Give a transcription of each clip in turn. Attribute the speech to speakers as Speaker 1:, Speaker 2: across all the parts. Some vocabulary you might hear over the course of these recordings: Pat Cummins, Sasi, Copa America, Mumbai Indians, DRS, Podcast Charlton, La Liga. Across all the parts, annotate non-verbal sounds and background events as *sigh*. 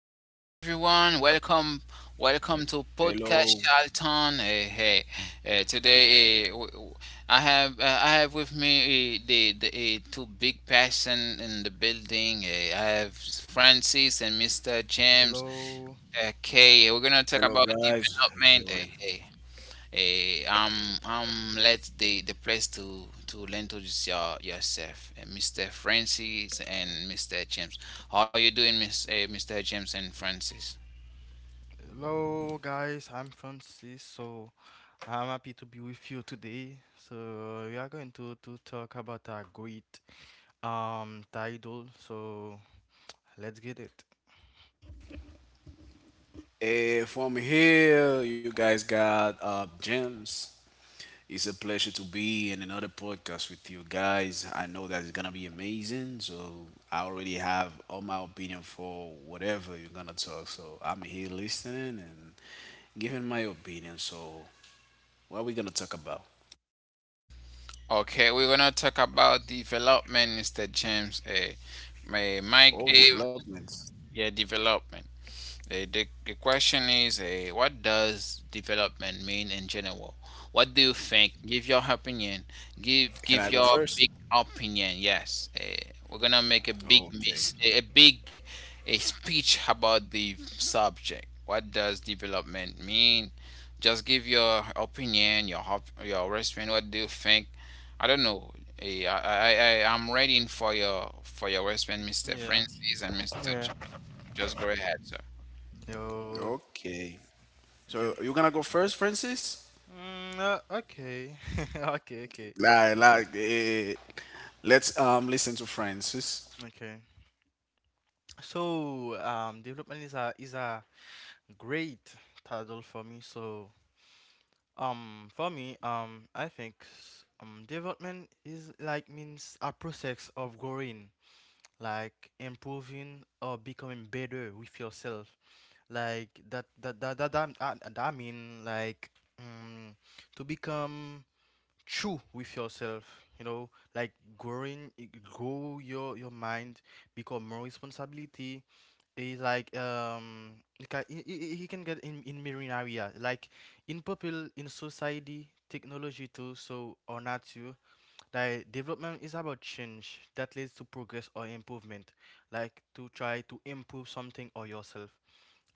Speaker 1: What's up, everyone? Welcome to Podcast
Speaker 2: Hello,
Speaker 1: Charlton. Hey, hey. Eh, today eh, w- w- I have with me, two big person in the building. I have Francis and Mr. James.
Speaker 3: Hello,
Speaker 1: Okay, we're going to talk
Speaker 2: hello
Speaker 1: about
Speaker 2: guys. How you
Speaker 1: development.
Speaker 2: doing?
Speaker 1: Let the place to learn to just yourself, Mr. Francis and Mr. James. How are you doing, Mr. James and Francis?
Speaker 3: hello guys, I'm Francis. So I'm happy to be with you today. So we are going to talk about a great title. So let's get it.
Speaker 2: From here, you guys got James. It's a pleasure to be in another podcast with you guys. I know that it's gonna be amazing. So I already have all my opinion for whatever you're gonna talk. So I'm here listening and giving my opinion. So what are we gonna talk about?
Speaker 1: Okay, we're gonna talk about development, Mr. James. My Mike.
Speaker 2: All developments.
Speaker 1: Yeah, development. The question is, what does development mean in general? What do you think? Give your opinion. give
Speaker 2: Can I
Speaker 1: give
Speaker 2: go
Speaker 1: your
Speaker 2: first?
Speaker 1: big opinion. Yes, we're gonna make
Speaker 2: Okay.
Speaker 1: a big a speech about the subject. What does development mean? Just give your opinion, your response. What do you think? I don't know. Eh, I, I I am waiting for your response, Mr.
Speaker 3: Yeah,
Speaker 1: Francis and
Speaker 3: yeah.
Speaker 1: just go ahead, sir.
Speaker 3: Yo,
Speaker 2: Okay. So
Speaker 3: Jim.
Speaker 2: you're gonna go first, Francis?
Speaker 3: Mm, okay, *laughs* okay, okay,
Speaker 2: Like, like, eh, let's listen to Francis.
Speaker 3: okay. So development is a great title for me. So for me, I think development is like means a process of growing, like improving or becoming better with yourself. Like that I mean, um, to become true with yourself. You know, like growing, grow your mind, become more responsibility, is like he can, he can get in marine area like in people in society technology too so or not too like development is about change that leads to progress or improvement like to try to improve something or yourself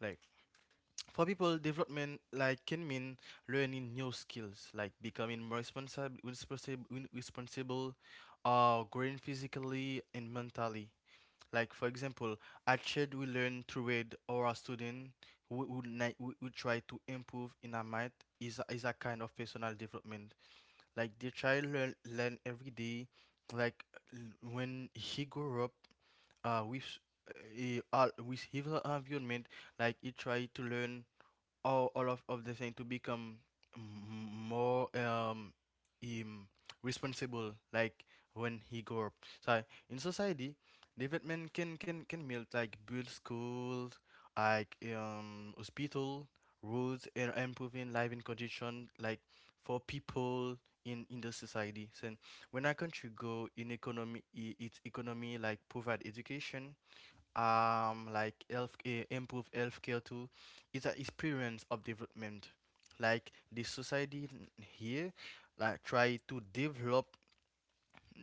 Speaker 3: like for people development like can mean learning new skills like becoming more responsible or growing physically and mentally like for example, at Shed we learn to read our student who try to improve in a math is a kind of personal development. Like the child learn every day. Like when he grow up, with all with his environment, like he try to learn of the thing to become more um responsible like when he grow up so in society development can build like build schools like hospital roads and improving living condition like for people in the society so when a country go in economy its economy like provide education like health eh, improve healthcare too it's an experience of development like the society here like try to develop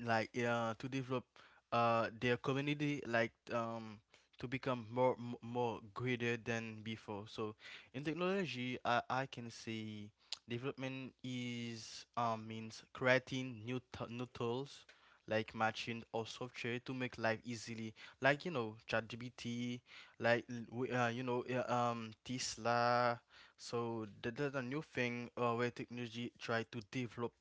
Speaker 3: like yeah to develop their community like to become more more greater than before so in technology I can say development is means creating new tools like machine or software to make life easily like you know ChatGPT like you know Tesla so there's a new thing where technology try to develop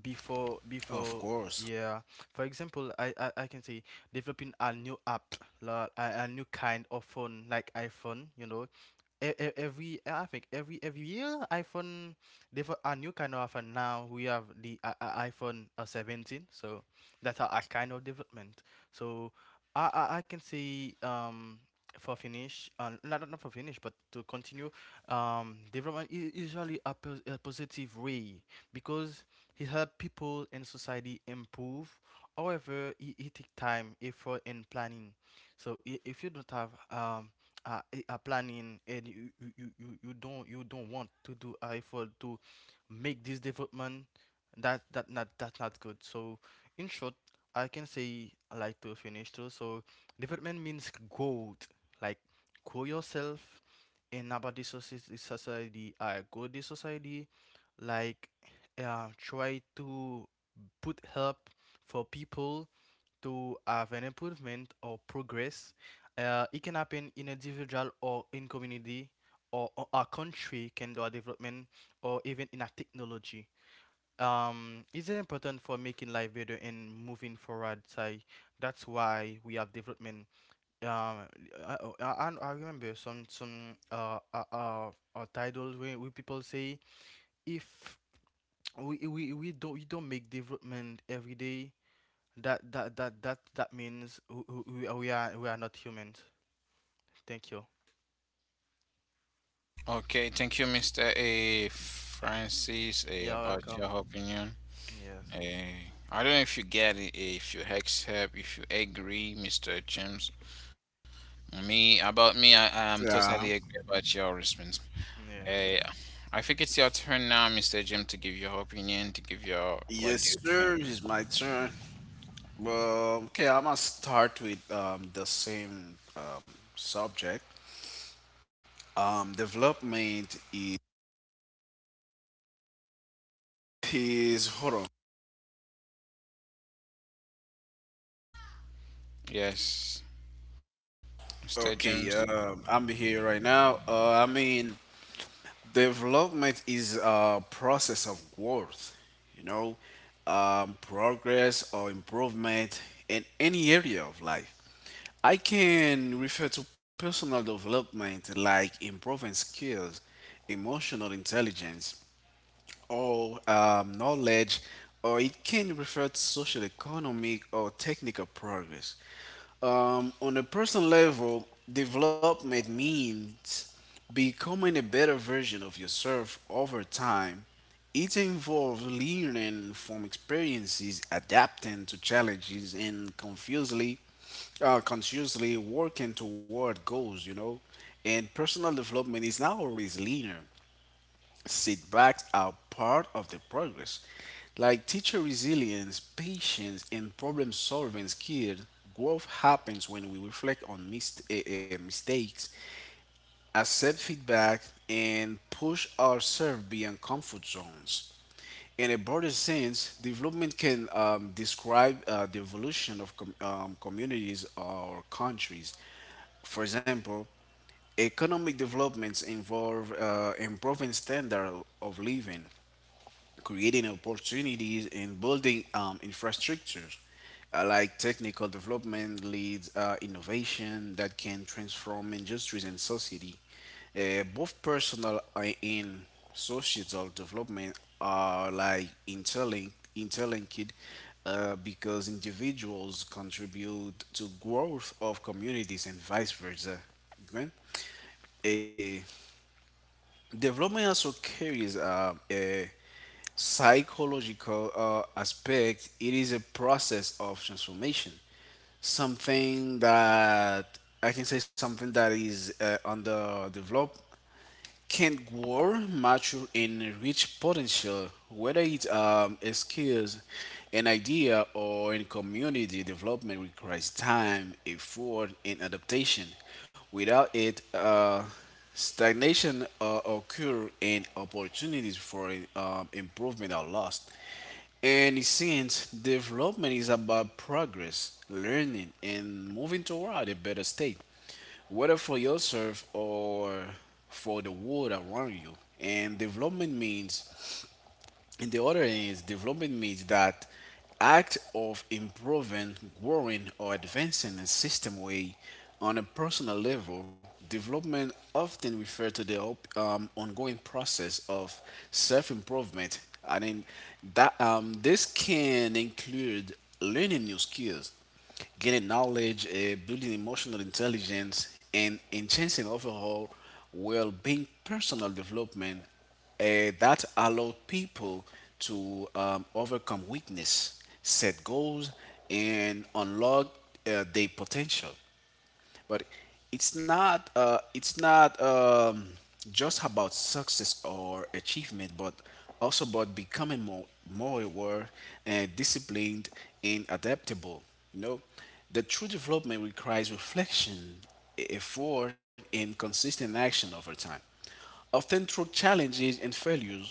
Speaker 2: Of
Speaker 3: before
Speaker 2: course.
Speaker 3: yeah for example I can say developing a new app like a new kind of phone like iphone you know e- e- every eh, I think every year iPhone they have a new kind of iPhone now we have the iPhone 17 so that's a kind of development so I can say for finish not for finish but to continue development is usually a positive way because it help people and society improve however it take time effort and planning so if you don't have planning and you don't want to do effort to make this development that that not that's not good so in short I can say I like to finish too so development means growth like grow yourself and about this society I grow this society like try to put help for people to have an improvement or progress it can happen in individual or in community or a country can do a development or even in a technology. It's very important for making life better and moving forward. Say that's why we have development. Um, I remember some titles where people say if we don't make development every day that means we are not humans. Thank you.
Speaker 1: Okay, thank you, Mr. A. Francis,
Speaker 3: You're
Speaker 1: about your
Speaker 3: welcome.
Speaker 1: opinion.
Speaker 3: Yes.
Speaker 1: Eh, I don't know if you get it, eh, if you accept, if you agree, Mr. James. Me, about me, I am
Speaker 2: Yeah.
Speaker 1: totally agree about your response.
Speaker 3: Yeah.
Speaker 1: Eh, I think it's your turn now, Mr. James, to give your opinion, to give your, what do
Speaker 2: Yes,
Speaker 1: you think?
Speaker 2: sir. It's my turn. Well, okay, I'm gonna start with the same subject. Development is hold on.
Speaker 1: Yes, Mr. James.
Speaker 2: Okay, I'm here right now. I mean, development is a process of growth, you know, progress or improvement in any area of life. I can refer to personal development like improving skills, emotional intelligence, or knowledge, or it can refer to social, economic, or technical progress. On a personal level, development means becoming a better version of yourself over time. It involves learning from experiences, adapting to challenges, and confusedly, consciously working toward goals, you know. And personal development is not always linear. Setbacks are part of the progress. Like teacher resilience, patience, and problem solving skills, growth happens when we reflect on mistakes, accept feedback, and push ourselves beyond comfort zones. In a broader sense, development can describe the evolution of communities or countries. For example, economic developments involve improving standard of living, creating opportunities and building infrastructures, like technical development leads innovation that can transform industries and society. Both personal and societal development are like interlinked because individuals contribute to growth of communities and vice versa. Okay? A Development also carries a psychological aspect. It is a process of transformation. Something that I can say something that is under can grow, mature and reach potential, whether it a skills, an idea, or in community development requires time, effort, and adaptation. Without it, stagnation occur and opportunities for improvement are lost. And since development is about progress, learning, and moving toward a better state whether for yourself or for the world around you. And development means, in the other hand, is development means that act of improving, growing, or advancing in system way on a personal level. Development often refers to the ongoing process of self-improvement. I mean, that this can include learning new skills, gaining knowledge, building emotional intelligence, and enhancing overall well being personal development uh, that allow people to overcome weakness, set goals, and unlock their potential. But it's not just about success or achievement, but also about becoming more aware and disciplined and adaptable. You know, the true development requires reflection, effort, and consistent action over time often through challenges and failures.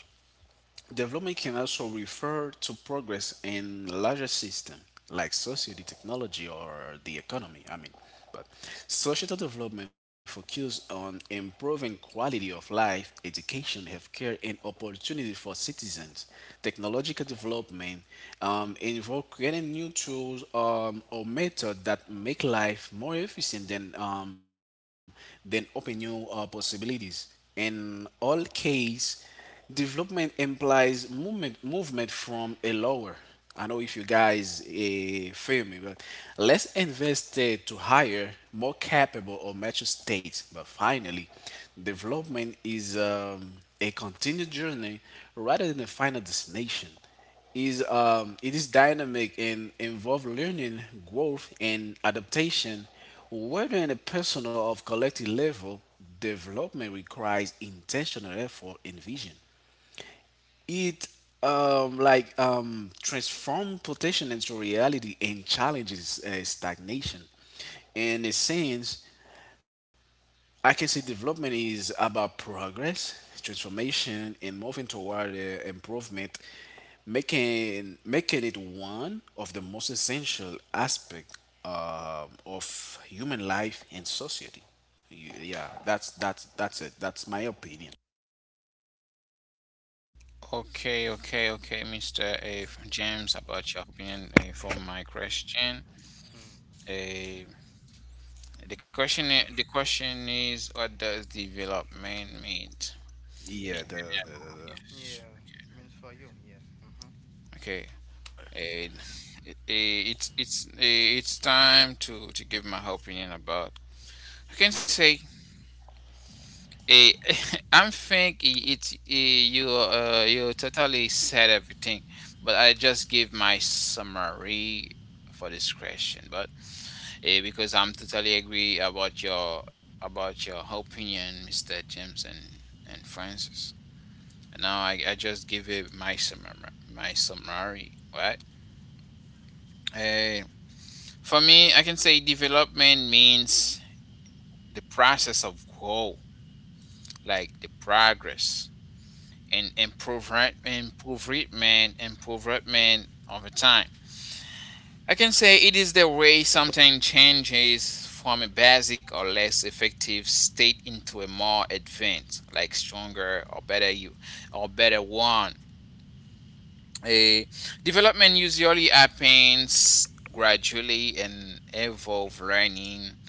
Speaker 2: Development can also refer to progress in larger system like society, technology, or the economy. I mean, but societal development focuses on improving quality of life, education, healthcare, and opportunity for citizens. Technological development involves creating new tools or methods that make life more efficient than open new possibilities. In all case development implies movement from a lower. I know if you guys feel me, but let's invest to higher, more capable or mature states. But finally, development is a continued journey rather than a final destination is it is dynamic and involve learning, growth, and adaptation, whether in a personal or collective level. Development requires intentional effort and vision. It transforms potential into reality and challenges stagnation. In a sense, I can say development is about progress, transformation, and moving toward improvement, making it one of the most essential aspect of human life and society. Yeah, that's it. That's my opinion.
Speaker 1: Okay, okay, okay, Mr. A. James, about your opinion, for my question.
Speaker 3: Hmm.
Speaker 1: Eh, the question is, what does development mean? In
Speaker 2: Yeah, the,
Speaker 1: general,
Speaker 2: the,
Speaker 1: yes.
Speaker 3: Yeah. Means for you. Yes. Mm-hmm.
Speaker 1: Okay. And i- it's it's time to give my opinion about. I can say, eh, *laughs* it's, you totally said everything, but I just give my summary for this question. But because I'm totally agree about your opinion, Mr. James and Francis. And now I just give it my summary, right? Uh, for me, I can say development means the process of growth, like the progress and improvement over time. I can say it is the way something changes from a basic or less effective state into a more advanced, like stronger or better you or better one. A development usually happens gradually and involve learning,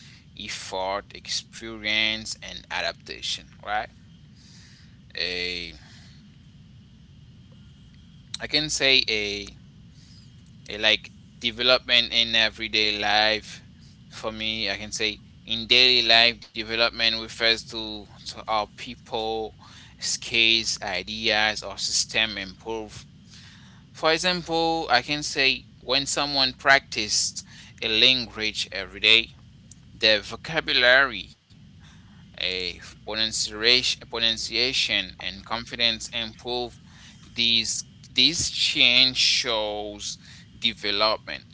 Speaker 1: effort, experience, and adaptation. Right? A I can say a like development in everyday life. For me, I can say in daily life, development refers to how people, skills, ideas, or system improve. For example, I can say when someone practiced a language every day, their vocabulary, a pronunciation, pronunciation, and confidence improve. These this change shows development.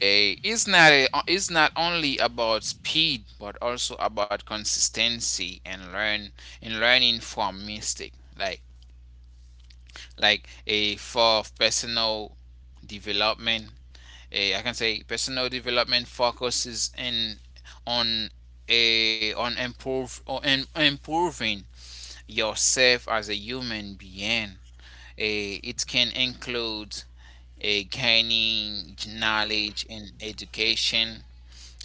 Speaker 1: A Is not is not only about speed but also about consistency and learning from mistake. Like like a For personal development, I can say personal development focuses in on a on improve or in, improving yourself as a human being. It can include a gaining knowledge and education,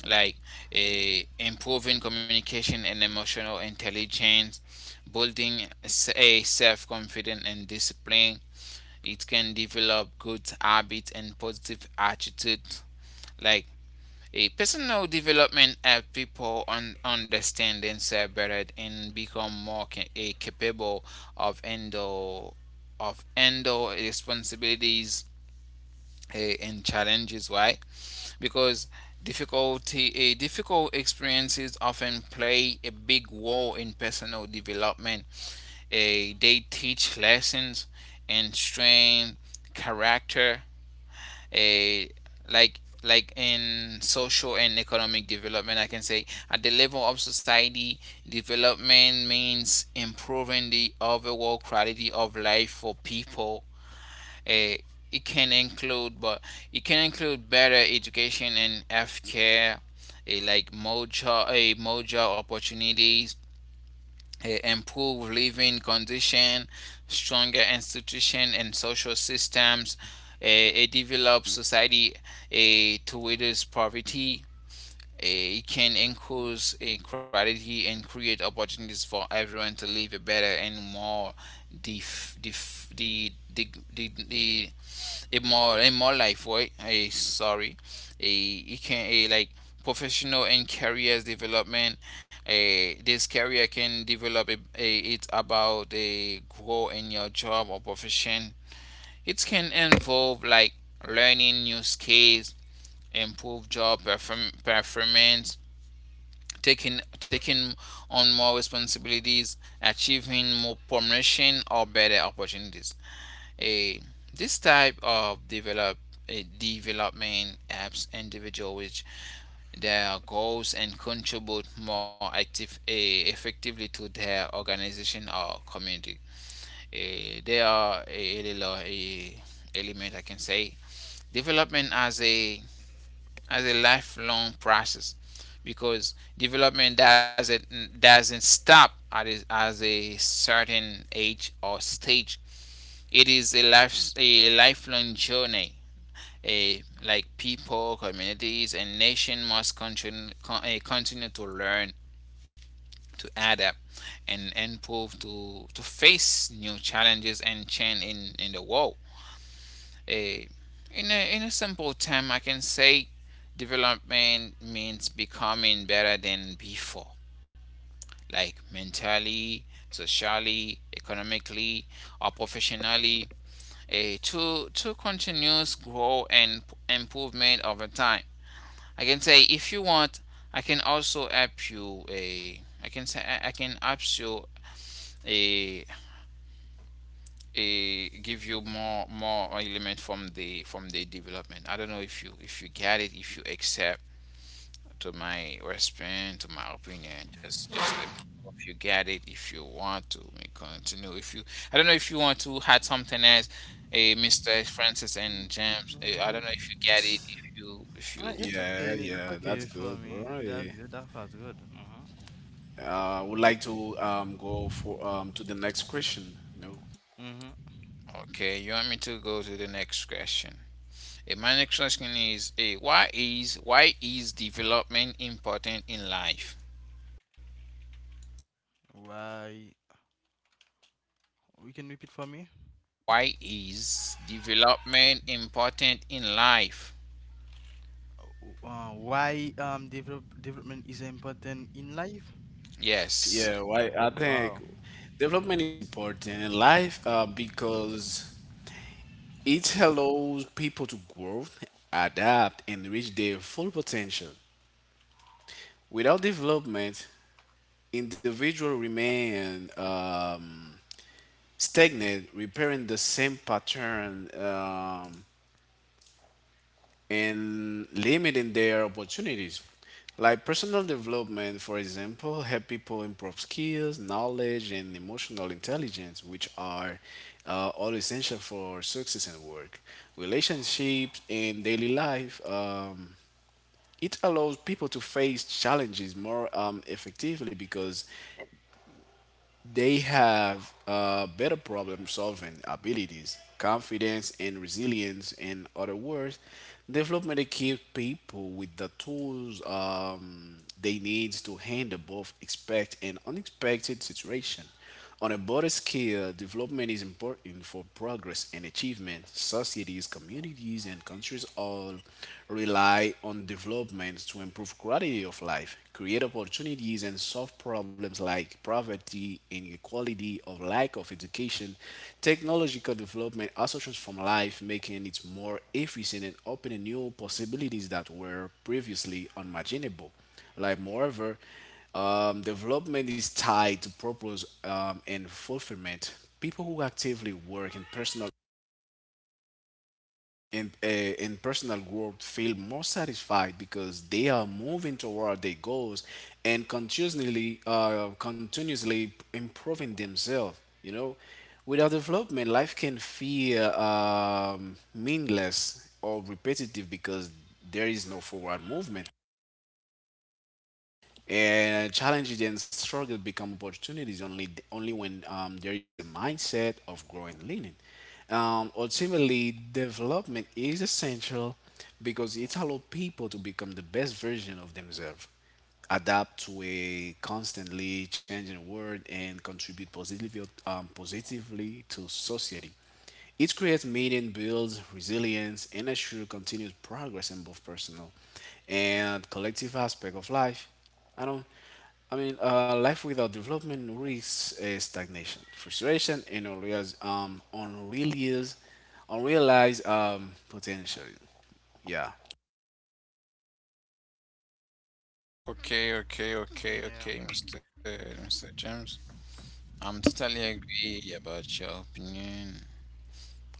Speaker 1: like, improving communication and emotional intelligence, building s- a self-confidence and discipline. It can develop good habits and positive attitude, like, a personal development helps people understand themselves better and become more capable of handle responsibilities and challenges. Why? Because difficult experiences often play a big role in personal development. They teach lessons and strain character. A like in social and economic development, I can say, at the level of society, development means improving the overall quality of life for people. Eh, it can include but it can include better education and health care, like more job opportunities, improve living condition, stronger institution and social systems. A developed society, to reduce poverty, it can increase equality and create opportunities for everyone to live a better and more dif- dif- the a more life, right? a Sorry. A It can, a like professional and careers development. A This career can develop. A It's about a grow in your job or profession. It can involve, like, learning new skills, improve performance, taking on more responsibilities, achieving more promotion or better opportunities. A This type of development helps individual which their goals and contribute more effectively to their organization or community. There are a little, element I can say. Development as a lifelong process, because development doesn't stop as a certain age or stage. It is a life a lifelong journey. Like people, communities, and nation must continue to learn, to adapt, and improve to face new challenges and change in the world. Eh, in a simple term, I can say development means becoming better than before, like mentally, socially, economically, or professionally, to continuous growth and improvement over time. I can say if you want, I can also help you. A I can say I can help you. A Give you more element from the development. I don't know if you get it, if you accept to my response, to my opinion. Just let me know if you get it, if you want to we continue. If you I don't know if you want to add something else, A Mr. Francis
Speaker 3: Mm,
Speaker 1: and James. I don't know
Speaker 3: mm,
Speaker 1: if you get it, if
Speaker 2: the,
Speaker 1: you
Speaker 2: the
Speaker 3: It's okay.
Speaker 2: yeah,
Speaker 3: It's
Speaker 2: yeah,
Speaker 3: okay
Speaker 2: that's
Speaker 3: for
Speaker 2: good,
Speaker 3: me.
Speaker 2: bro.
Speaker 3: That's
Speaker 2: Yeah.
Speaker 3: good. That was good. Mm-hmm.
Speaker 2: I would like to go for to the next question. No.
Speaker 3: Mm-hmm.
Speaker 1: okay. You want me to go to the next question. My next question is, why is development important in life?
Speaker 3: Why? You can repeat for me.
Speaker 1: Why is development important in life?
Speaker 3: Why develop development is important in life?
Speaker 1: Yes.
Speaker 2: Yeah, why I think
Speaker 3: Oh.
Speaker 2: development is important in life because it allows people to grow, adapt, and reach their full potential. Without development, individual remain stagnant, repairing the same pattern and limiting their opportunities. Like personal development, for example, help people improve skills, knowledge, and emotional intelligence, which are all essential for success in work, relationships, and daily life. It allows people to face challenges more effectively because they have better problem solving abilities, confidence, and resilience. In other words, development equips people with the tools they need to handle both expect and unexpected situations. On a broader scale, development is important for progress and achievement. Societies, communities, and countries all rely on development to improve quality of life, create opportunities, and solve problems like poverty, inequality, or lack of education. Technological development also transforms life, making it more efficient and opening new possibilities that were previously unimaginable. Like, moreover, development is tied to purpose and fulfillment. People who actively work in personal in personal growth feel more satisfied because they are moving toward their goals and continuously improving themselves. You know, without development, life can feel meaningless or repetitive because there is no forward movement. And challenges and struggles become opportunities only when there is a mindset of growing and learning. Ultimately, development is essential because it allows people to become the best version of themselves, adapt to a constantly changing world, and contribute positively positively to society. It creates meaning, builds resilience, and assures continuous progress in both personal and collective aspect of life. I don't. I mean, life without development risks stagnation, frustration, and unrealized potential. Yeah.
Speaker 1: Okay, okay, okay,
Speaker 3: Yeah.
Speaker 1: okay, Mr. James. I'm totally agree about your opinion.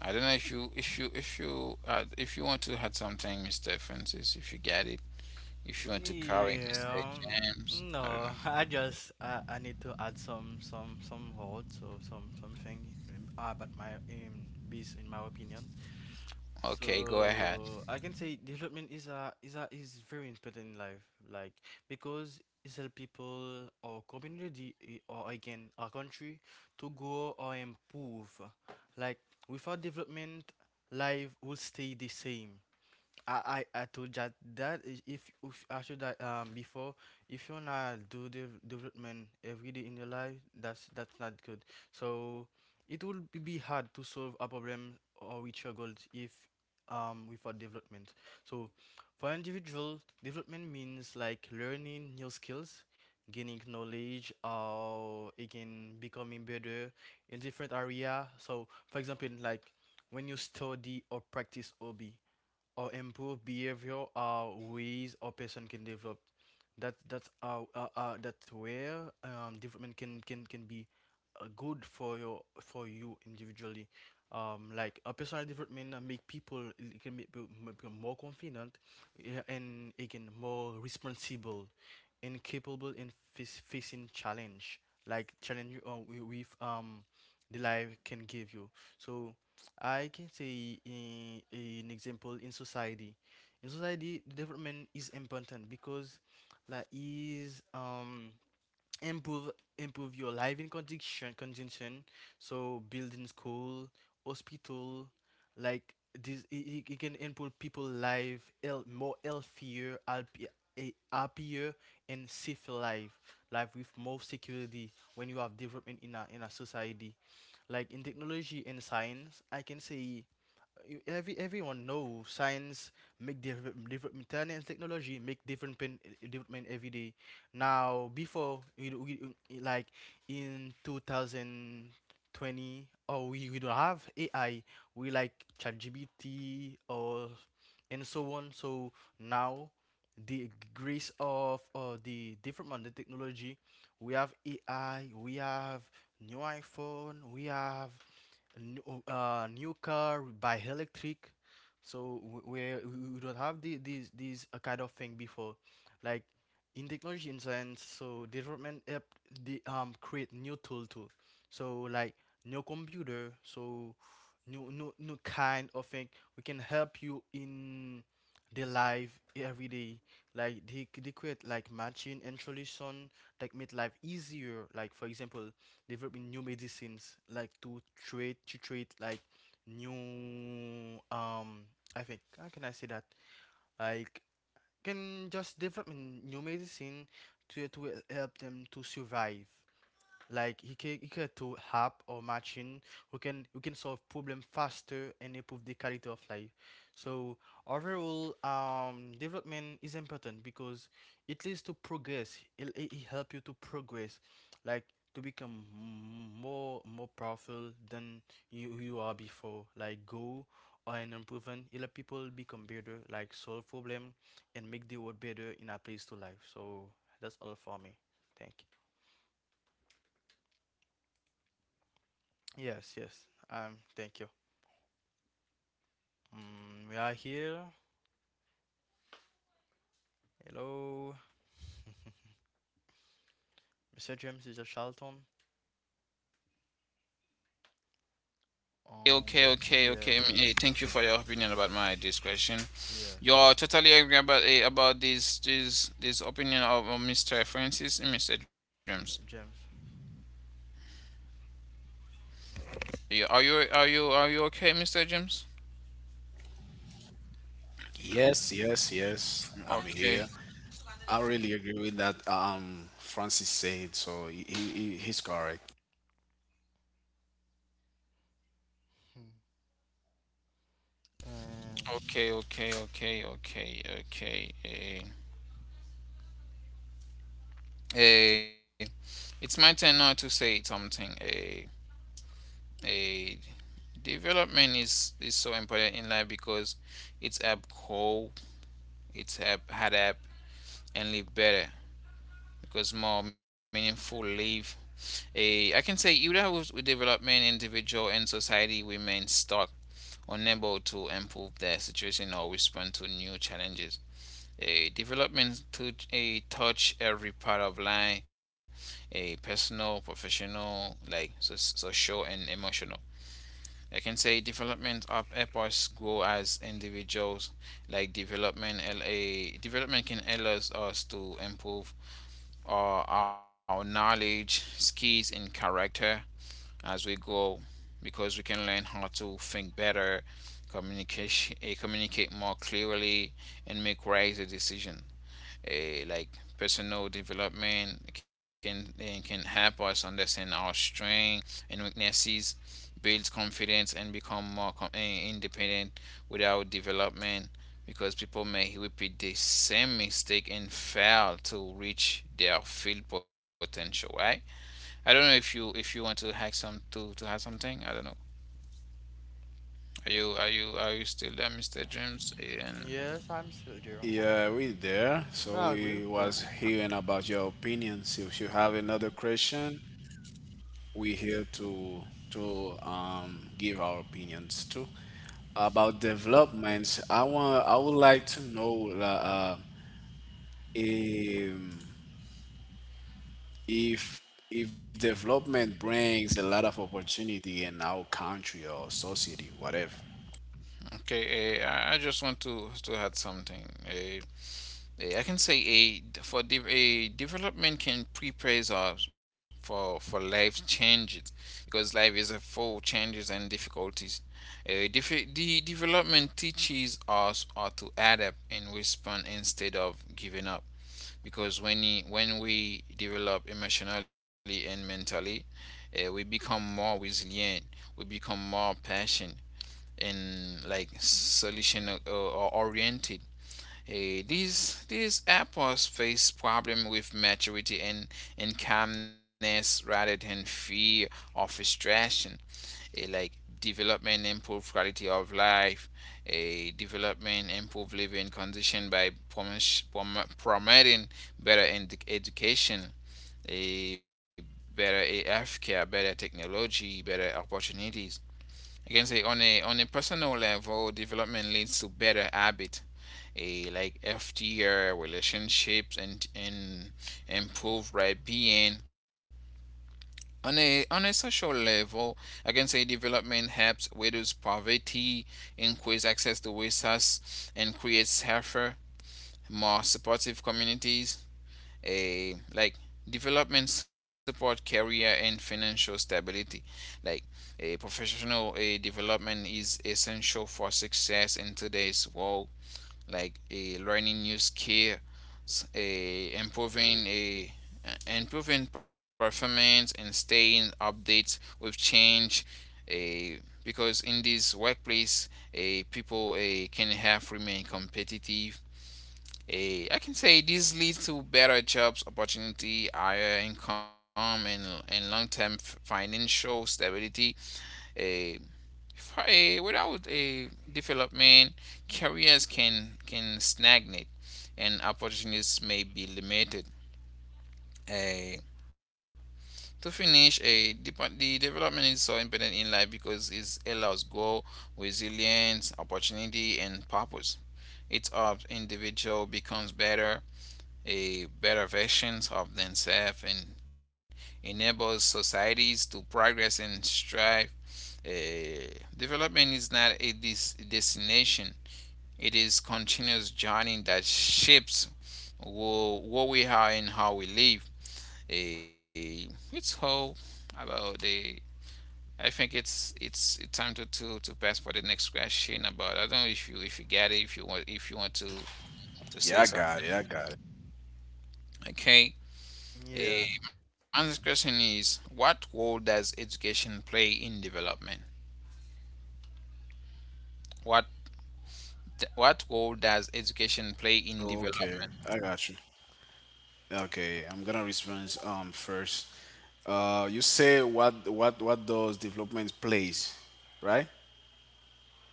Speaker 1: I don't know if you if you if you, if you want to add something, Mr. Francis, if you get it. If you want to correct
Speaker 3: Yeah.
Speaker 1: Mr. James, I don't
Speaker 3: No, *laughs* I need to add some words or something about my base in my opinion.
Speaker 1: know. Okay, go ahead.
Speaker 3: So I can say development is very important in life, like because it help people or community eh, or again our country to grow or improve. Like without development, life will stay the same. I told that that is if I should that before if you not do the development every day in your life that's not good so it will be hard to solve a problem or reach your goals if without development so for individual development means like learning new skills gaining knowledge or again becoming better in different area so for example like when you study or practice hobby or improve behavior are ways a person can develop. That that's how that's where development can be good for your for you individually. Like a personal development make people it can make people become more confident, yeah, and again more responsible, and capable in facing challenge like challenge you with the life can give you. So I can say in, an example in society. In society, the development is important because like is improve improve your living condition so building school hospital like this it can improve people life more healthier happier and safer life with more security when you have development in a society like in technology and science I can say everyone knows science make different development and technology make different development every day. Now before we, do- we- like in 2020 or we don't have AI, we like ChatGPT or and so on. So now the grace of the development of the technology, we have AI, we have new iPhone, we have new, new car by electric so where we don't have the, these kind of thing before like in technology in science so development help the create new tool too so like new computer so new kind of thing we can help you in the life every day like they create like machine and solution that make life easier like for example developing new medicines like to treat like new um I think how can I say that like can just develop new medicine to help them to survive like he can do app or machine who can solve problem faster and improve the quality of life. So overall, development is important because it leads to progress. It help you to progress, like to become more powerful than you are before. Like go or an improvement, it help people become better, like solve problem and make the world better in a place to life. So that's all for me. Thank you. Yes, yes. Thank you. Mm, we are here. Hello, Mr. James, Mr. Charlton. Um,
Speaker 1: Okay, okay,
Speaker 3: yeah,
Speaker 1: okay. Thank you for your opinion about my discretion.
Speaker 3: yes,
Speaker 1: You're totally agree about, about this opinion of, Mr. Francis and Mr. James.
Speaker 3: James.
Speaker 1: Yeah, are you are you are you okay, Mr. James?
Speaker 2: Yes, yes, yes. I'm
Speaker 1: Okay,
Speaker 2: here. I really agree with that. Francis said so. He's correct.
Speaker 3: Hmm. And
Speaker 1: okay, okay, okay, okay, okay. Eh. Eh, it's my turn now to say something. A Development is so important in life because it's help grow, it's help adapt and live better. Because more meaningful live. I can say even with development, individual and society remain stuck, unable to improve their situation or respond to new challenges. A Development to a touch every part of life, a personal, professional, like so, social and emotional. I can say development up help us grow as individuals. Like development, L- a Development can allow us to improve or our knowledge, skills, and character as we go, because we can learn how to think better, communicate more clearly, and make wiser decisions. Like personal development can help us understand our strengths and weaknesses, build confidence, and become independent without development, because people may repeat the same mistake and fail to reach their full potential, right? I don't know if you want to hack some to have something. I don't know. Are you are you are you still there, Mr. James? And
Speaker 3: yes, I'm still there. So
Speaker 2: Yeah, we there. So
Speaker 3: I agree with
Speaker 2: we
Speaker 3: you.
Speaker 2: was hearing about your opinions. If you have another question, we here to give our opinions too. About developments, I would like to know if development brings a lot of opportunity in our country or society, whatever.
Speaker 1: Okay, I just want to add something. Yeah, I can say a for de- a development can prepare us for life changes, because life is a full of changes and difficulties. The development teaches us how to adapt and respond instead of giving up. Because when we develop emotionally and mentally, we become more resilient. We become more passionate and, like, solution, or oriented. These apples face problem with maturity and calmness rather than fear of distraction. Eh, like Development improve quality of life, a development improve living condition by promoting better education, a better, healthcare, better technology, better opportunities. I can say on a personal level, development leads to better habit, a like healthier relationships and improved well being. On a social level, I can say development helps reduce poverty, increase access to resources, and create safer, more supportive communities. A like Development support career and financial stability, like a professional a development is essential for success in today's world, like, a learning new skills, a improving performance and staying updates with change. A Because in this workplace, a people a can have remain competitive. I can say this leads to better jobs opportunity, higher income, and long-term financial stability. Eh, Without a development, careers can stagnate, and opportunities may be limited. Eh, to finish, the development is so important in life because it allows growth, resilience, opportunity, and purpose. It helps individual becomes better a better versions of themselves and enables societies to progress and strive. Uh, Development is not a destination; it is continuous journey that shapes who, who we are and how we live. It's all about the. I think it's time to pass for the next question about. I don't know if you get it if you want to
Speaker 2: Yeah, I
Speaker 1: say something.
Speaker 2: got it. I got it.
Speaker 1: Okay.
Speaker 3: Yeah.
Speaker 1: My question is what role does education play in development? What what role does education play in
Speaker 2: Okay,
Speaker 1: development?
Speaker 2: I got you. Okay, I'm gonna respond first. You say what does development plays, right?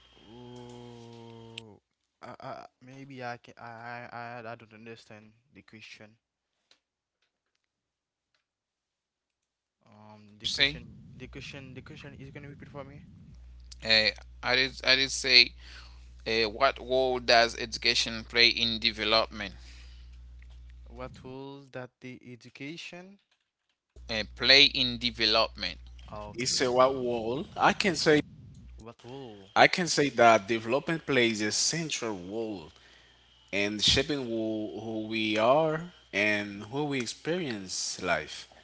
Speaker 3: Ooh, I, maybe I can. I don't understand the question. The
Speaker 1: You say?
Speaker 3: question is gonna repeat for me.
Speaker 1: Eh, I did say what role does education play in development?
Speaker 3: What will that the education?
Speaker 1: Play in development.
Speaker 2: You say
Speaker 3: Okay.
Speaker 2: what role?
Speaker 3: What will?
Speaker 2: I can say that development plays a central role in shaping who we are and who we experience life.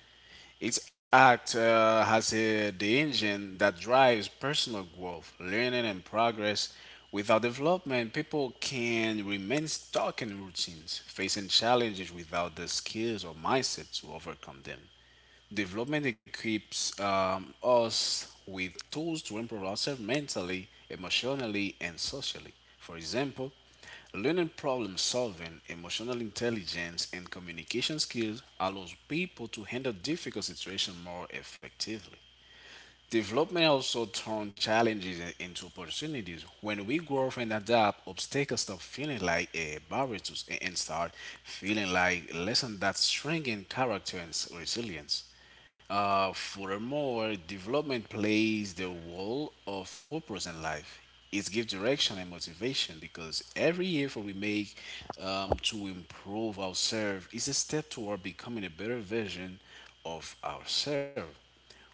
Speaker 2: Its act has a, the engine that drives personal growth, learning, and progress. Without development, people can remain stuck in routines, facing challenges without the skills or mindset to overcome them. Development equips us with tools to improve ourselves mentally, emotionally, and socially. For example, learning problem solving, emotional intelligence, and communication skills allows people to handle difficult situations more effectively. Development also turns challenges into opportunities. When we grow and adapt, obstacles stop feeling like a barrier to, and start feeling like lessons that strengthen character and resilience. Furthermore, development plays the role of purpose in life. It gives direction and motivation because every effort we make to improve ourselves is a step toward becoming a better version of ourselves.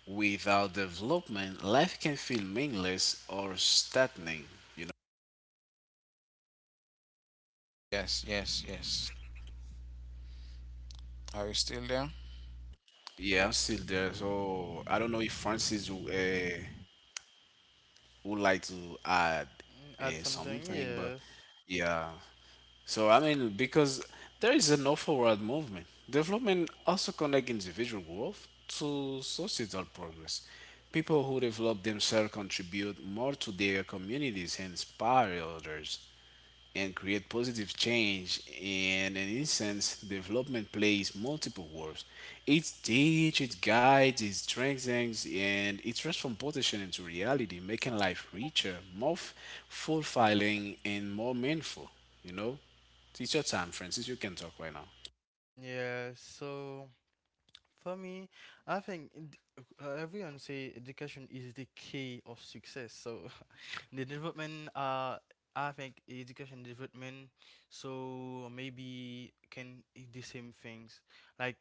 Speaker 2: Without development, life can feel meaningless or stagnant. You know.
Speaker 1: Yes, yes, yes. Are you still there?
Speaker 2: Yeah, I'm still there. So I don't know if Francis would like to add
Speaker 3: Mm, add something,
Speaker 2: something, but
Speaker 3: yes.
Speaker 2: yeah. So I mean, because there is an awful world movement. Development also connects individual growth to societal progress. People who develop themselves contribute more to their communities and inspire others and create positive change. In an instance, development plays multiple roles. It teaches, it guides, it strengthens, and it transforms potential into reality, making life richer, fulfilling, and more meaningful. You know, it's your time, Francis. You can talk right now.
Speaker 3: Yeah, so for me, I think everyone say education is the key of success. So *laughs* the development, I think education development, so maybe can the same things. Like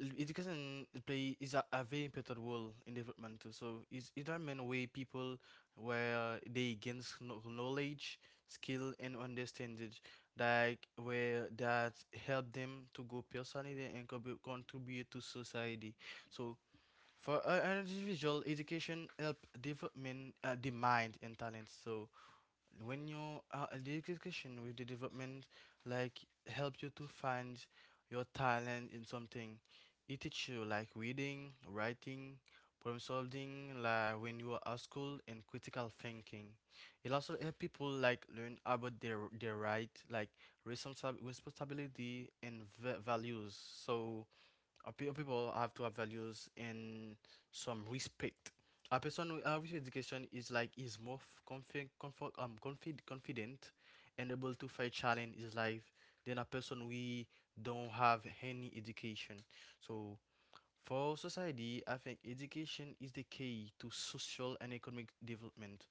Speaker 3: Education play is a very important role in development too. So it's it a main way people where they gain knowledge, skill and understanding like where that help them to go personally and contribute to society. So for an individual, education help development the mind and talents. So when you the education with the development like help you to find your talent in something it teach you like reading writing problem solving like when you are at school and critical thinking it also help people like learn about their right like responsibility and values so People have to have values and some respect. A person with education is like is more confid- confident and able to fight challenge his life than a person we don't have any education. So for society, I think education is the key to social and economic development.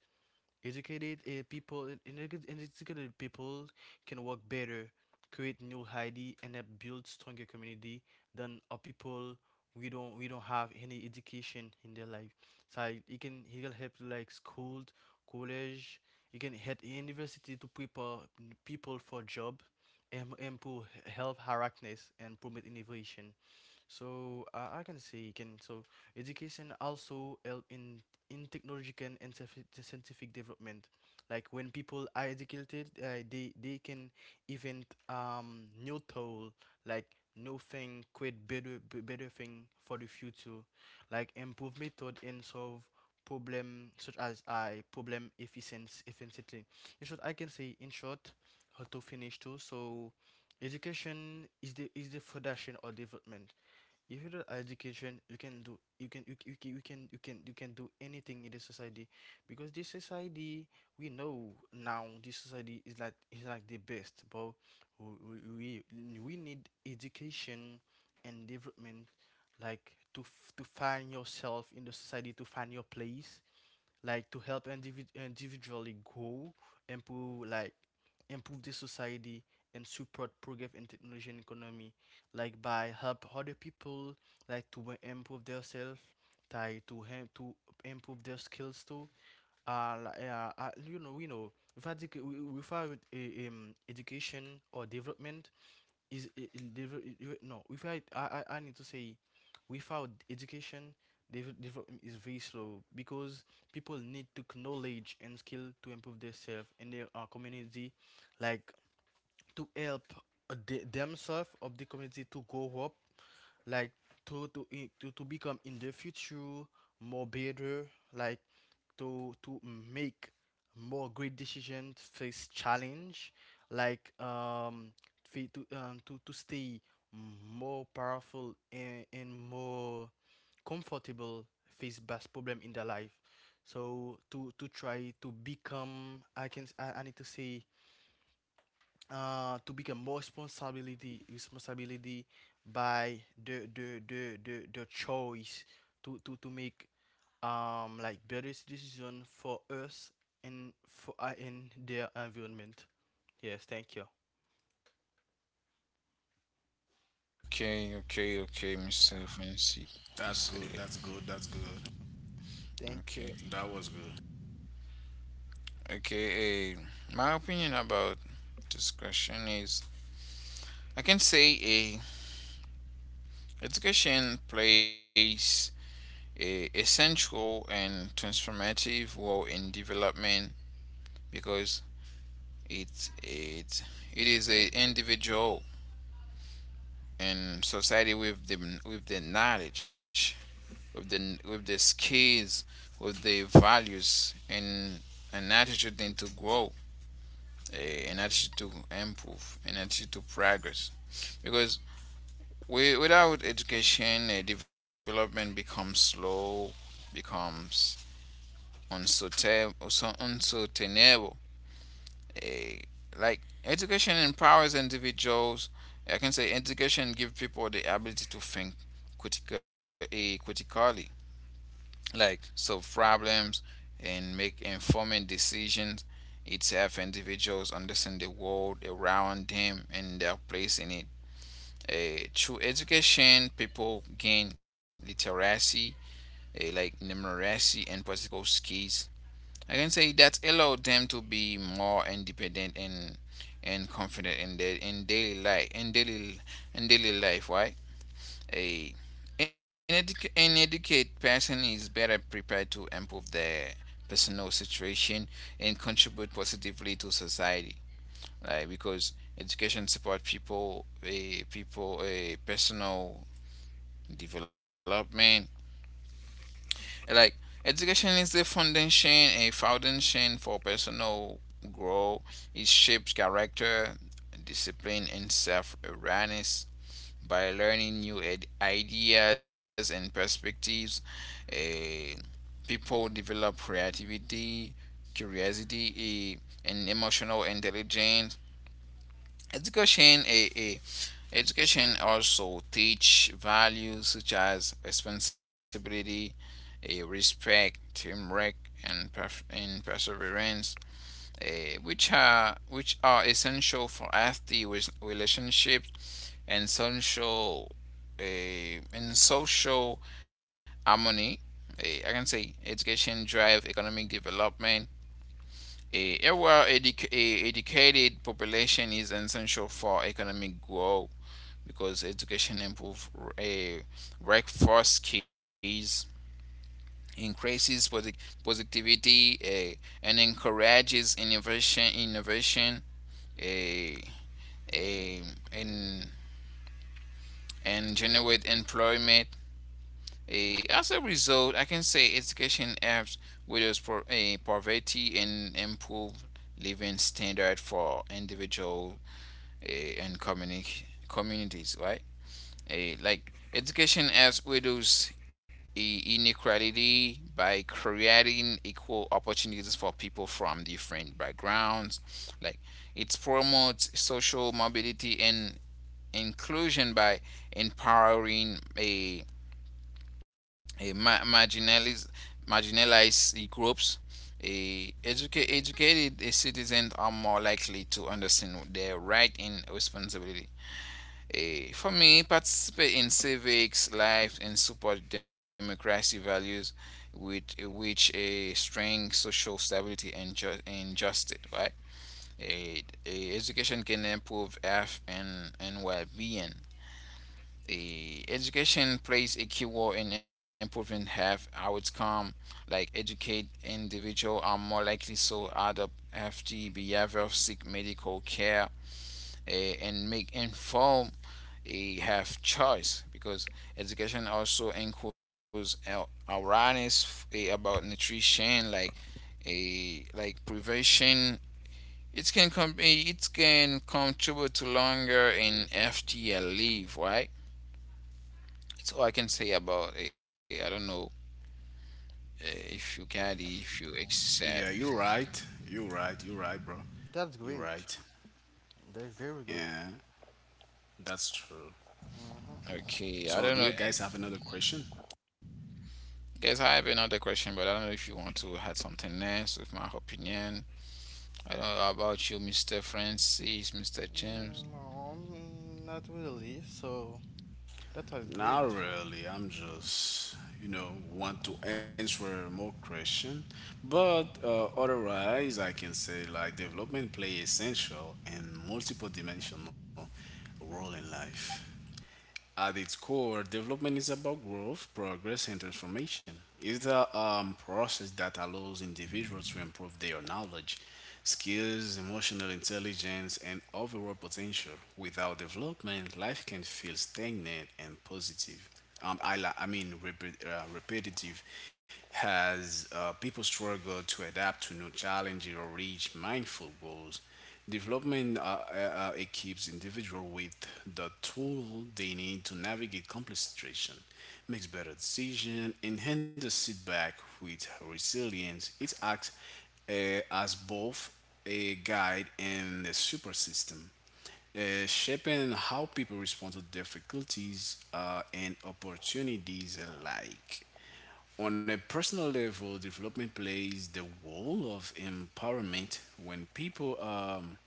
Speaker 3: Educated people and educated people can work better, create new ID, and help build stronger community than a people we don't have any education in their life. So it can help like school, college. It can help university to prepare people for job, and improve health harassment and promote innovation. So I can say can so education also help in technological and scientific development. Like when people are educated, they can invent new tool like new thing, create better thing for the future, like improve method and solve problem such as I problem efficiency efficiently. In short, I can say in short how to finish too. So education is the foundation or development. If you do education you can do you can you, you, you can you can you can do anything in this society. Because this society, we know now, this society is like the best, but we need education and development, like to to find yourself in the society, to find your place, like to help individually grow, improve, like improve the society and support progress in technology and economy, like by help other people, like to improve themselves, like to improve their skills too. Without, without education or development, is it, it develop it, it- no without I, I I need to say, without education, development is very slow, because people need to knowledge and skill to improve themselves and their community, like to help the, themselves of the community to grow up, like to to to become in the future more better, like to make more great decisions, face challenge, like to stay more powerful and more comfortable, face best problem in their life. So to try to become, I can s- I need to say, to become more responsibility by the choice to, to make like better decision for us and for in their environment. Yes, thank you.
Speaker 1: Okay, okay, okay, Mr.
Speaker 3: Yeah,
Speaker 1: Francis.
Speaker 2: That's good.
Speaker 1: Okay,
Speaker 3: thank you.
Speaker 2: That was good.
Speaker 1: okay. My opinion about this question is. I can say, education plays a essential and transformative role in development because it it it is a individual and society with the knowledge, with the skills, with the values and an attitude then to grow, an attitude to improve, an attitude to progress. Because without education, development becomes slow, becomes unsustainable, uncertainable. Eh, like education empowers individuals. I can say education gives people the ability to think critically, like solve problems and make informed decisions. It helps individuals understand the world around them and their place in it. Through education, people gain literacy, like numeracy and practical skills. I can say that allowed them to be more independent and confident in their in daily life. Right? A an educated person is better prepared to improve their personal situation and contribute positively to society. Like because education support people, a personal development. Like education is the foundation, a foundation for personal growth. It shapes character, discipline, and self-awareness. By learning new ideas and perspectives, eh, people develop creativity, curiosity, and emotional intelligence. Education eh, eh, Education also teach values such as responsibility, respect, teamwork, and perseverance, which are essential for healthy relationships and and social harmony. I can say education drive economic development. A well educated population is essential for economic growth because education improve uh, workforce skills, increases positivity, and encourages innovation. Uh, uh, and and generate employment. As a result, I can say education helps reduce poverty and improve living standard for individual and communities. Right. Like education as widows inequality by creating equal opportunities for people from different backgrounds, like it promotes social mobility and inclusion by empowering a marginalized groups. Educated citizens are more likely to understand their right and responsibility. For me, participate in civics life and support democracy values, with which a strengthen social stability and justice. Right? A Education can improve health and well-being. Education plays a key role in improving health outcome. Like educate individual are more likely to adopt healthy behavior, seek medical care, and make have choice because education also includes awareness about nutrition, like prevention. It it can contribute to longer in FTL leave, right. That's all I can say about. I don't know if you get it, if you accept.
Speaker 2: Yeah, you're right. You're right, bro.
Speaker 3: That's
Speaker 2: You're
Speaker 3: great.
Speaker 2: right.
Speaker 3: That's very good.
Speaker 2: Yeah, that's true.
Speaker 3: Mm-hmm.
Speaker 1: Okay, I don't
Speaker 2: So,
Speaker 1: know.
Speaker 2: do you guys have another question?
Speaker 1: Guys, I have another question, but I don't know if you want to add something else with my opinion. I don't know about you, Mr. Francis, Mr. James.
Speaker 3: No, not really, so that was great
Speaker 2: Not
Speaker 3: for.
Speaker 2: really. I'm just, you know, want to answer more question. But
Speaker 3: Mm-hmm.
Speaker 2: otherwise, I can say like development play essential and multiple dimensional role in life. At its core, development is about growth, progress, and transformation. It's a process that allows individuals to improve their knowledge, skills, emotional intelligence, and overall potential. Without development, life can feel stagnant and positive I, li- I mean repe- repetitive has people struggle to adapt to new challenges or reach mindful goals development equips individual with the tool they need to navigate complex situation makes better decision and handles setback with resilience. It acts as both a guide and a super system shaping how people respond to difficulties and opportunities alike. On a personal level, development plays the role of empowerment when people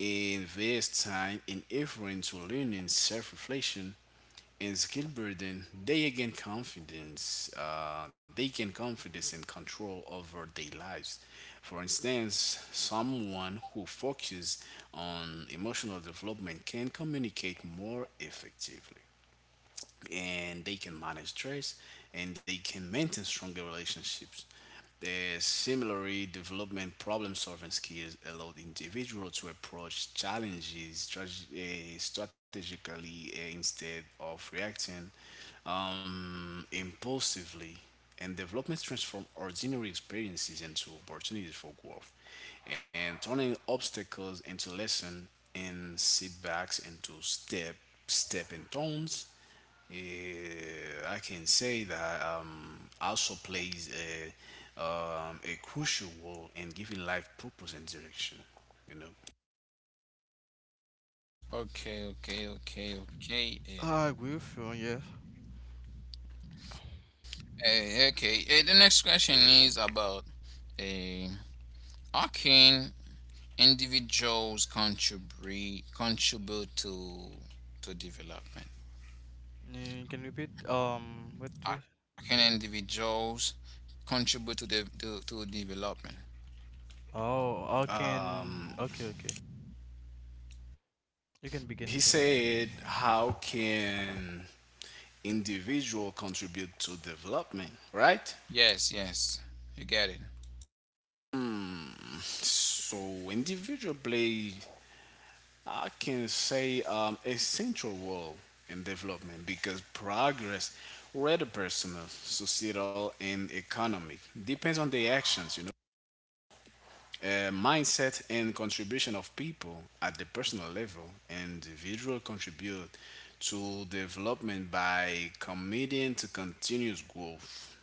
Speaker 2: invest time and effort into learning self reflection and skill burden, they gain confidence and control over their lives. For instance, someone who focuses on emotional development can communicate more effectively, and they can manage stress, and they can maintain stronger relationships. Uh, similarly, development problem solving skills allow the individual to approach challenges strategically instead of reacting impulsively. And development transform ordinary experiences into opportunities for growth, and turning obstacles into lessons, and setbacks into step and stones. Yeah, I can say that also plays a crucial role in giving life purpose and direction. You know,
Speaker 1: Okay, okay, okay, okay.
Speaker 3: I agree with you, yes.
Speaker 1: Okay, the next question is about, uh, how can individuals contribute to development?
Speaker 3: Can you repeat what
Speaker 1: How
Speaker 3: you.
Speaker 1: can individuals contribute to to development?
Speaker 3: Oh, I can.
Speaker 2: um,
Speaker 3: Okay, okay. You can begin,
Speaker 2: he
Speaker 3: James.
Speaker 2: said, "How can individual contribute to development?" Right?
Speaker 1: Yes, yes, you get it.
Speaker 2: Hmm. So individual play I can say a central role in development because progress, whether personal, societal, and economic, depends on the actions, you know, mindset, and contribution of people at the personal level. Individual contribute to development by committing to continuous growth.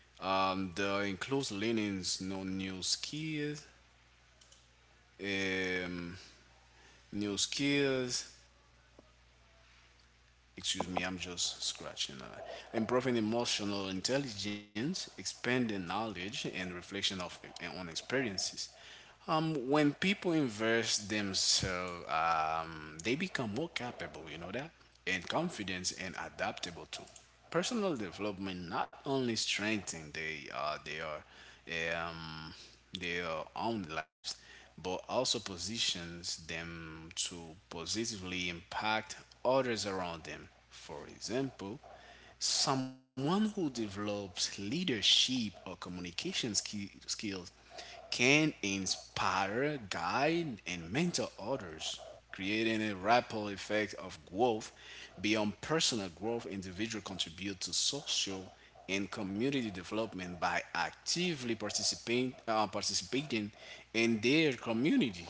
Speaker 2: The includes learning no um, new skills, excuse me, I'm just scratching. Improving emotional intelligence, expanding knowledge, and reflection of on experiences. When people invest themselves, they become more capable, you know that, and confident and adaptable too. Personal development not only strengthen they their own lives, but also positions them to positively impact others around them. For example, someone who develops leadership or communication skills can inspire, guide, and mentor others, creating a ripple effect of growth beyond personal growth. Individual contribute to social and community development by actively participating in their community.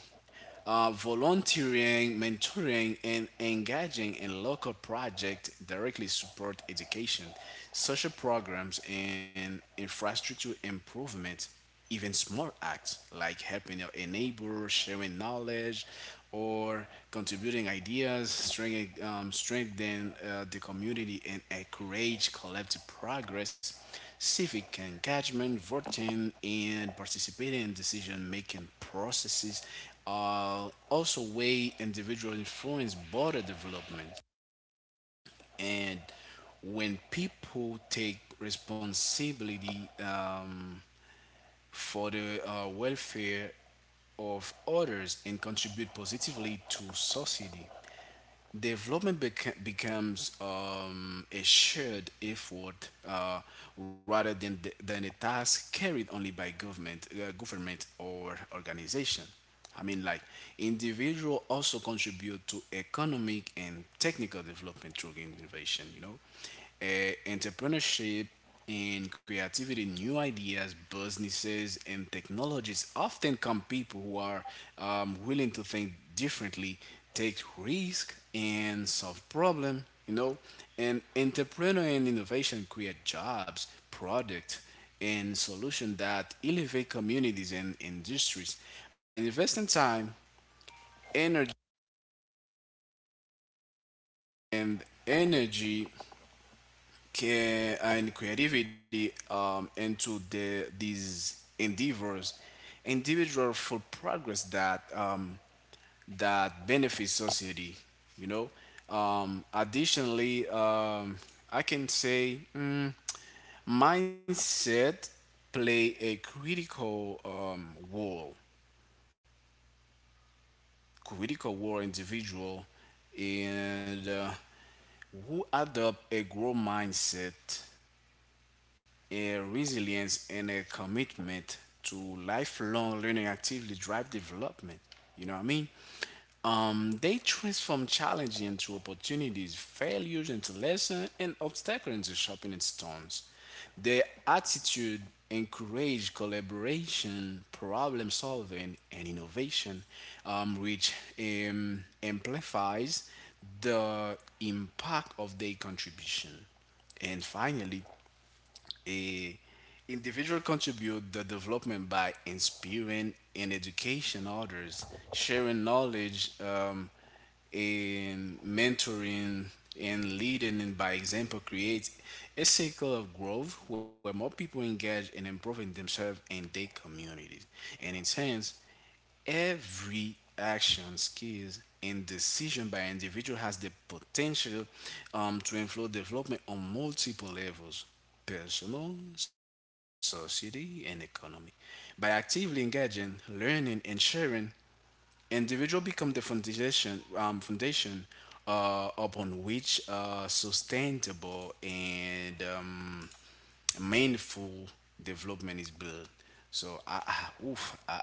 Speaker 2: Uh, Volunteering, mentoring, and engaging in local projects directly support education, social programs, and infrastructure improvement. Even small acts like helping a neighbor, sharing knowledge, or contributing ideas strengthen the community and encourage collective progress, civic engagement, voting, and participating in decision making processes also way individual influence border development. And when people take responsibility for the welfare of others and contribute positively to society, development becomes a shared effort rather than a task carried only by government or organization. I mean, like, individual also contribute to economic and technical development through innovation. You know, entrepreneurship in creativity, new ideas, businesses, and technologies often come people who are willing to think differently, take risk, and solve problem. You know, and entrepreneur and innovation create jobs, product, and solution that elevate communities and industries by investing time, energy, energy, care and creativity into these endeavors, individual for progress that that benefits society. You know. Additionally, I can say mindset play a critical role individual, and who adopt a growth mindset, a resilience and a commitment to lifelong learning actively drive development. You know what I mean? They transform challenges into opportunities, failures into lessons, and obstacles into sharpening stones. Their attitude encourage collaboration, problem solving, and innovation, which amplifies the impact of their contribution. And finally, a individual contribute the development by inspiring and education others, sharing knowledge, and mentoring and leading and by example creates a cycle of growth where more people engage in improving themselves and their communities. And in sense, every action, skills, and decision by individual has the potential to influence development on multiple levels, personal, society, and economy. By actively engaging, learning, and sharing, individual become the foundation upon which sustainable and mindful development is built. So I, I oof, I,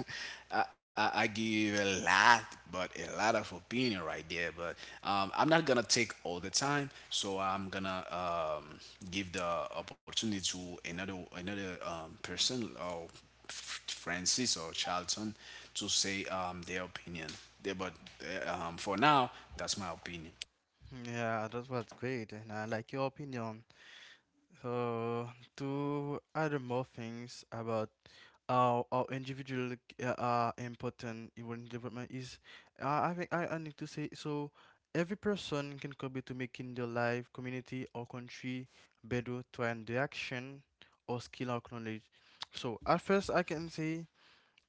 Speaker 2: *laughs* I give a lot, but a lot of opinion right there. But I'm not gonna take all the time, so I'm gonna give the opportunity to another person, or Francis or Charlton, to say their opinion. There, but for now, that's my opinion.
Speaker 3: Yeah, that was great, and I like your opinion. So, to add more things about how individual, important human development is, I think I need to say so. Every person can contribute to making their life, community, or country better through an their action or skill or knowledge. So, at first, I can say,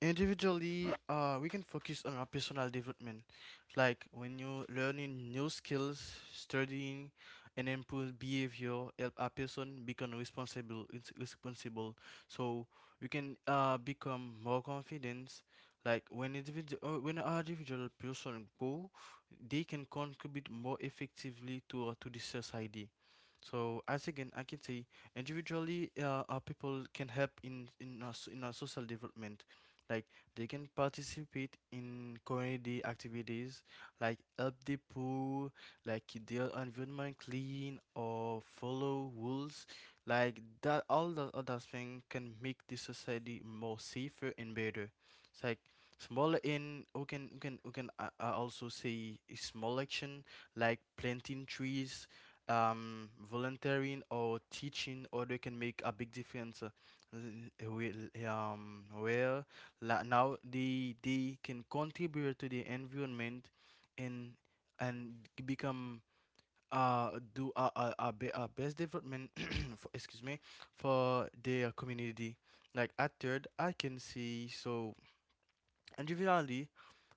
Speaker 3: individually, we can focus on our personal development, like when you're learning new skills, studying, and improve behavior, help a person become responsible. It's responsible, so you can become more confident. Like when individual, when an individual person grow, they can contribute more effectively to to the society. So as again, I can say individually, our people can help in our social development. Like they can participate in community activities, like help the poor, like keep their environment clean or follow rules. Like that all the other things can make the society more safer and better. It's like smaller in we can we can we can also say a small action like planting trees, volunteering or teaching, or they can make a big difference, where now they can contribute to the environment and and become do a best development *coughs* *clears throat* for, excuse me, for their community. Like at third I can see so, and generally,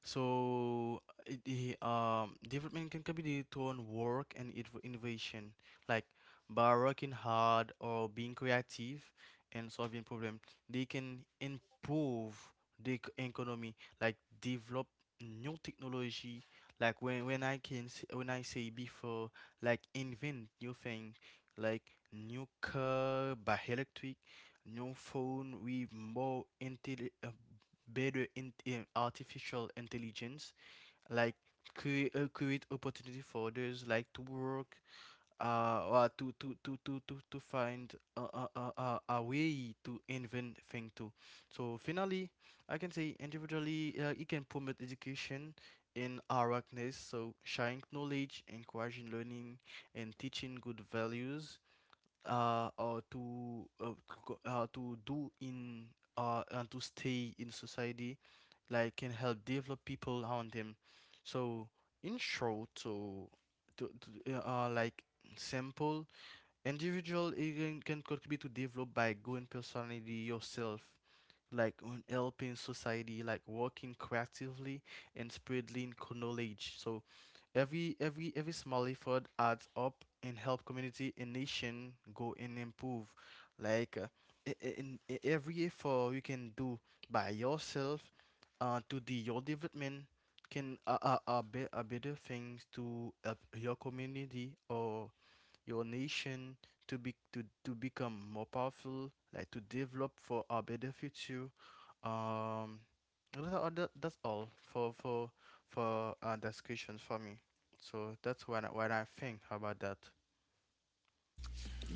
Speaker 3: development can be due to on work and innovation, like by working hard or being creative and solving problem, they can improve the economy, like develop new technology, like when when I say before, like invent new thing, like new car by electric, new phone with more better in artificial intelligence, like create opportunity for others, like to work, or to find a way to invent thing too. So finally, I can say individually, it can promote education in awareness, so sharing knowledge, encouraging learning, and teaching good values, or to go- to do in and to stay in society, like can help develop people around him. So in short, so to like simple, individual it can contribute to develop by going personality yourself, like on helping society, like working creatively and spreading knowledge. So every small effort adds up and help community and nation go and improve. Like every effort you can do by yourself, to the your development, can are, be, are better things to help your community or your nation to be to become more powerful, like to develop for a better future. Um, that's all, that's all for for that, for me. So that's when when I think about that.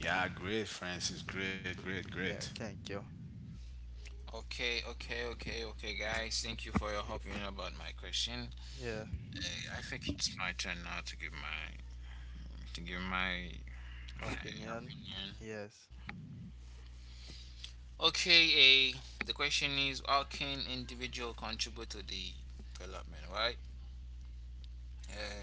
Speaker 2: Yeah, great, Francis, great, great,
Speaker 3: Yeah,
Speaker 2: great.
Speaker 3: thank you.
Speaker 1: Okay, okay, okay, okay, guys. Thank you for your opinion about my question.
Speaker 3: Yeah,
Speaker 1: I think it's my turn now to give my
Speaker 3: opinion.
Speaker 1: opinion.
Speaker 3: Yes.
Speaker 1: Okay, the question is how can individual contribute to the development, right? Uh,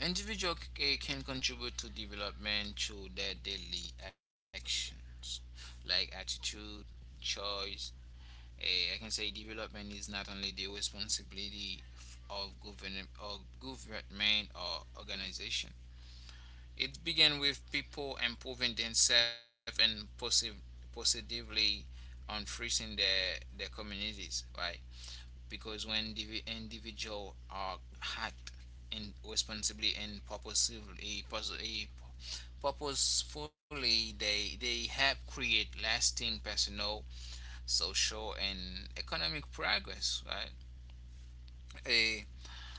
Speaker 1: Individual can contribute to development through their daily actions, like attitude, choice. I can say development is not only the responsibility of government or government or organization. It began with people improving themselves and positively on freezing their communities, right? Because when the individual are hacked and responsibly and purposefully, they help create lasting personal, social, and economic progress. Right? A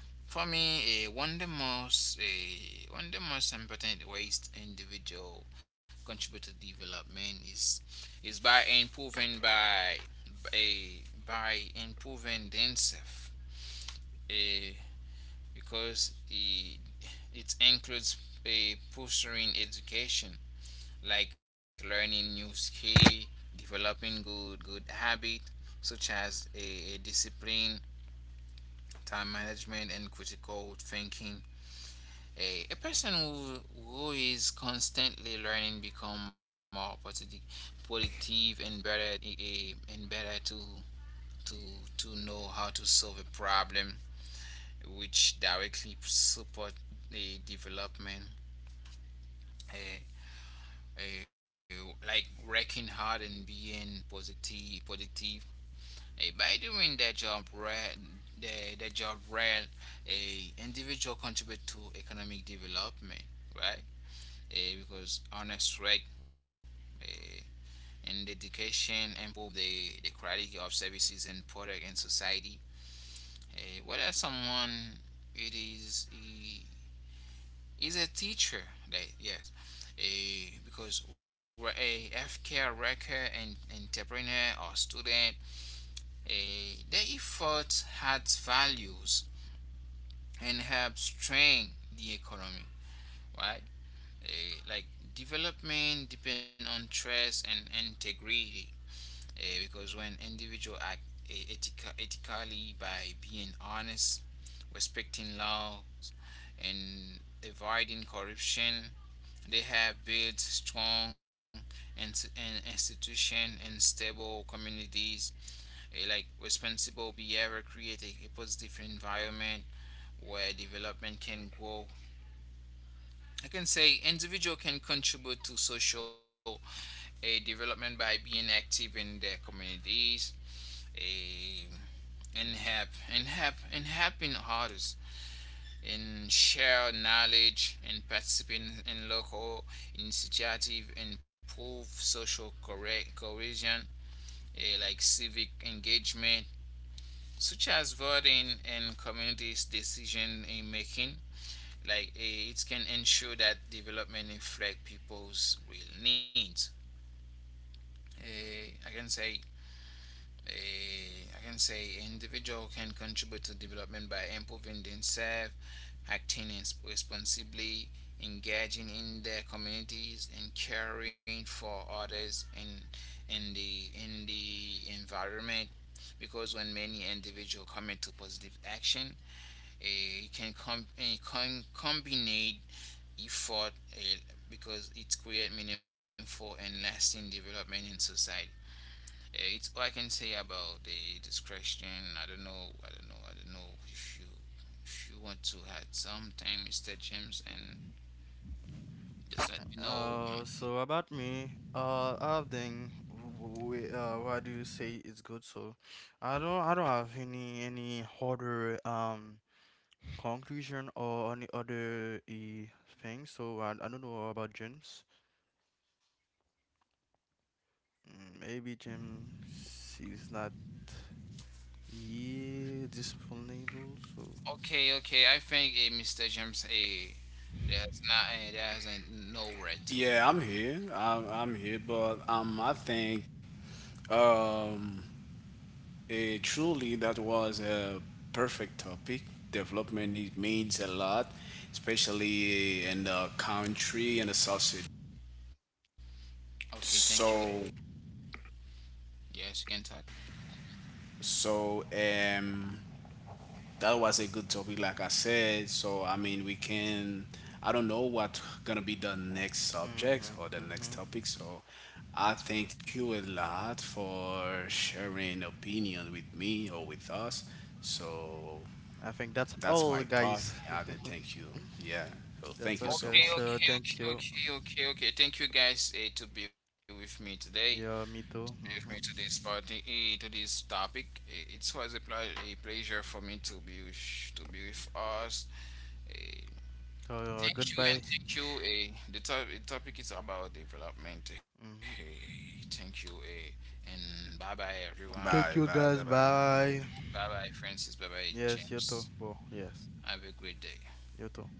Speaker 1: for me, a one of the most important ways individual contribute to development is is by improving by a by improving themselves. Uh, because it, it includes a pursuing education, like learning new skill, developing good habit such as a discipline, time management, and critical thinking. A person who is constantly learning become more positive and better to to to know how to solve a problem, which directly support the development. uh, like working hard and being positive productive, by doing that job right, the job well, a individual contribute to economic development, right. Because honest work uh, and dedication improve the quality of services and product in society. Whether someone it is a teacher, that yes, a because we're a healthcare worker and entrepreneur or student, a their effort adds values and helps strengthen the economy, right. Like development depend on trust and integrity, because when individuals act ethically by being honest, respecting laws, and avoiding corruption, they have built strong ins- institution and stable communities. Like responsible behavior create a positive environment where development can grow. I can say individual can contribute to development by being active in their communities, eh, and help and help and helping others. In share knowledge and participating in local initiative improve social correct cohesion, like civic engagement such as voting and community decision making. Like it can ensure that development reflect people's real needs. Eh, i can say I can say individual can contribute to development by improving themselves, acting responsibly, engaging in their communities, and caring for others in in the environment. Because when many individuals commit to positive action, it can combine effort, because it creates meaningful and lasting development in society. Yeah, it's all I can say about the this. I don't know if you want to add something, Mr. James, and just let me know.
Speaker 3: So about me, I think, we, what do you say is good? So, I don't have any harder conclusion or any other thing. So I don't know about James. Maybe James is not, yeah, disponible. So
Speaker 1: Okay, okay. I think Mr. James, there's no red to.
Speaker 2: Yeah, I'm here. I'm here, but I think um, truly that was a perfect topic. Development it means a lot, especially in the country and the sausage.
Speaker 1: Okay, thank you. Eh.
Speaker 2: So
Speaker 1: Yes, you can talk.
Speaker 2: so um, that was a good topic like I said. So I mean, we can, I don't know what gonna be the next subject
Speaker 3: mm-hmm,
Speaker 2: or the next
Speaker 3: mm-hmm.
Speaker 2: topic. So I thank you a lot for sharing opinion with me or with us. So
Speaker 3: I think that's
Speaker 2: that's
Speaker 3: all,
Speaker 2: my part.
Speaker 3: guys.
Speaker 2: I thank you. Yeah. So
Speaker 3: *laughs* That's
Speaker 2: thank you
Speaker 3: all,
Speaker 2: so
Speaker 1: Okay,
Speaker 3: guys.
Speaker 2: much.
Speaker 1: okay,
Speaker 3: So thank
Speaker 1: okay,
Speaker 3: you.
Speaker 1: okay, okay, okay. Thank you guys to be with me today,
Speaker 3: Yeah, me
Speaker 1: with
Speaker 3: too.
Speaker 1: me to
Speaker 3: Mm-hmm.
Speaker 1: this party, to this topic. It was a, a pleasure for me to be to be with us. Eh,
Speaker 3: So goodbye.
Speaker 1: Thank you. The topic is about development.
Speaker 3: Mm-hmm.
Speaker 1: Thank you, and bye bye everyone.
Speaker 3: Thank
Speaker 2: Bye
Speaker 3: you,
Speaker 2: bye,
Speaker 3: guys.
Speaker 2: bye bye.
Speaker 3: Bye.
Speaker 1: Bye bye Francis. Bye bye
Speaker 3: Yes, you
Speaker 1: James.
Speaker 3: too. Well, yes,
Speaker 1: Have a great day.
Speaker 3: you too.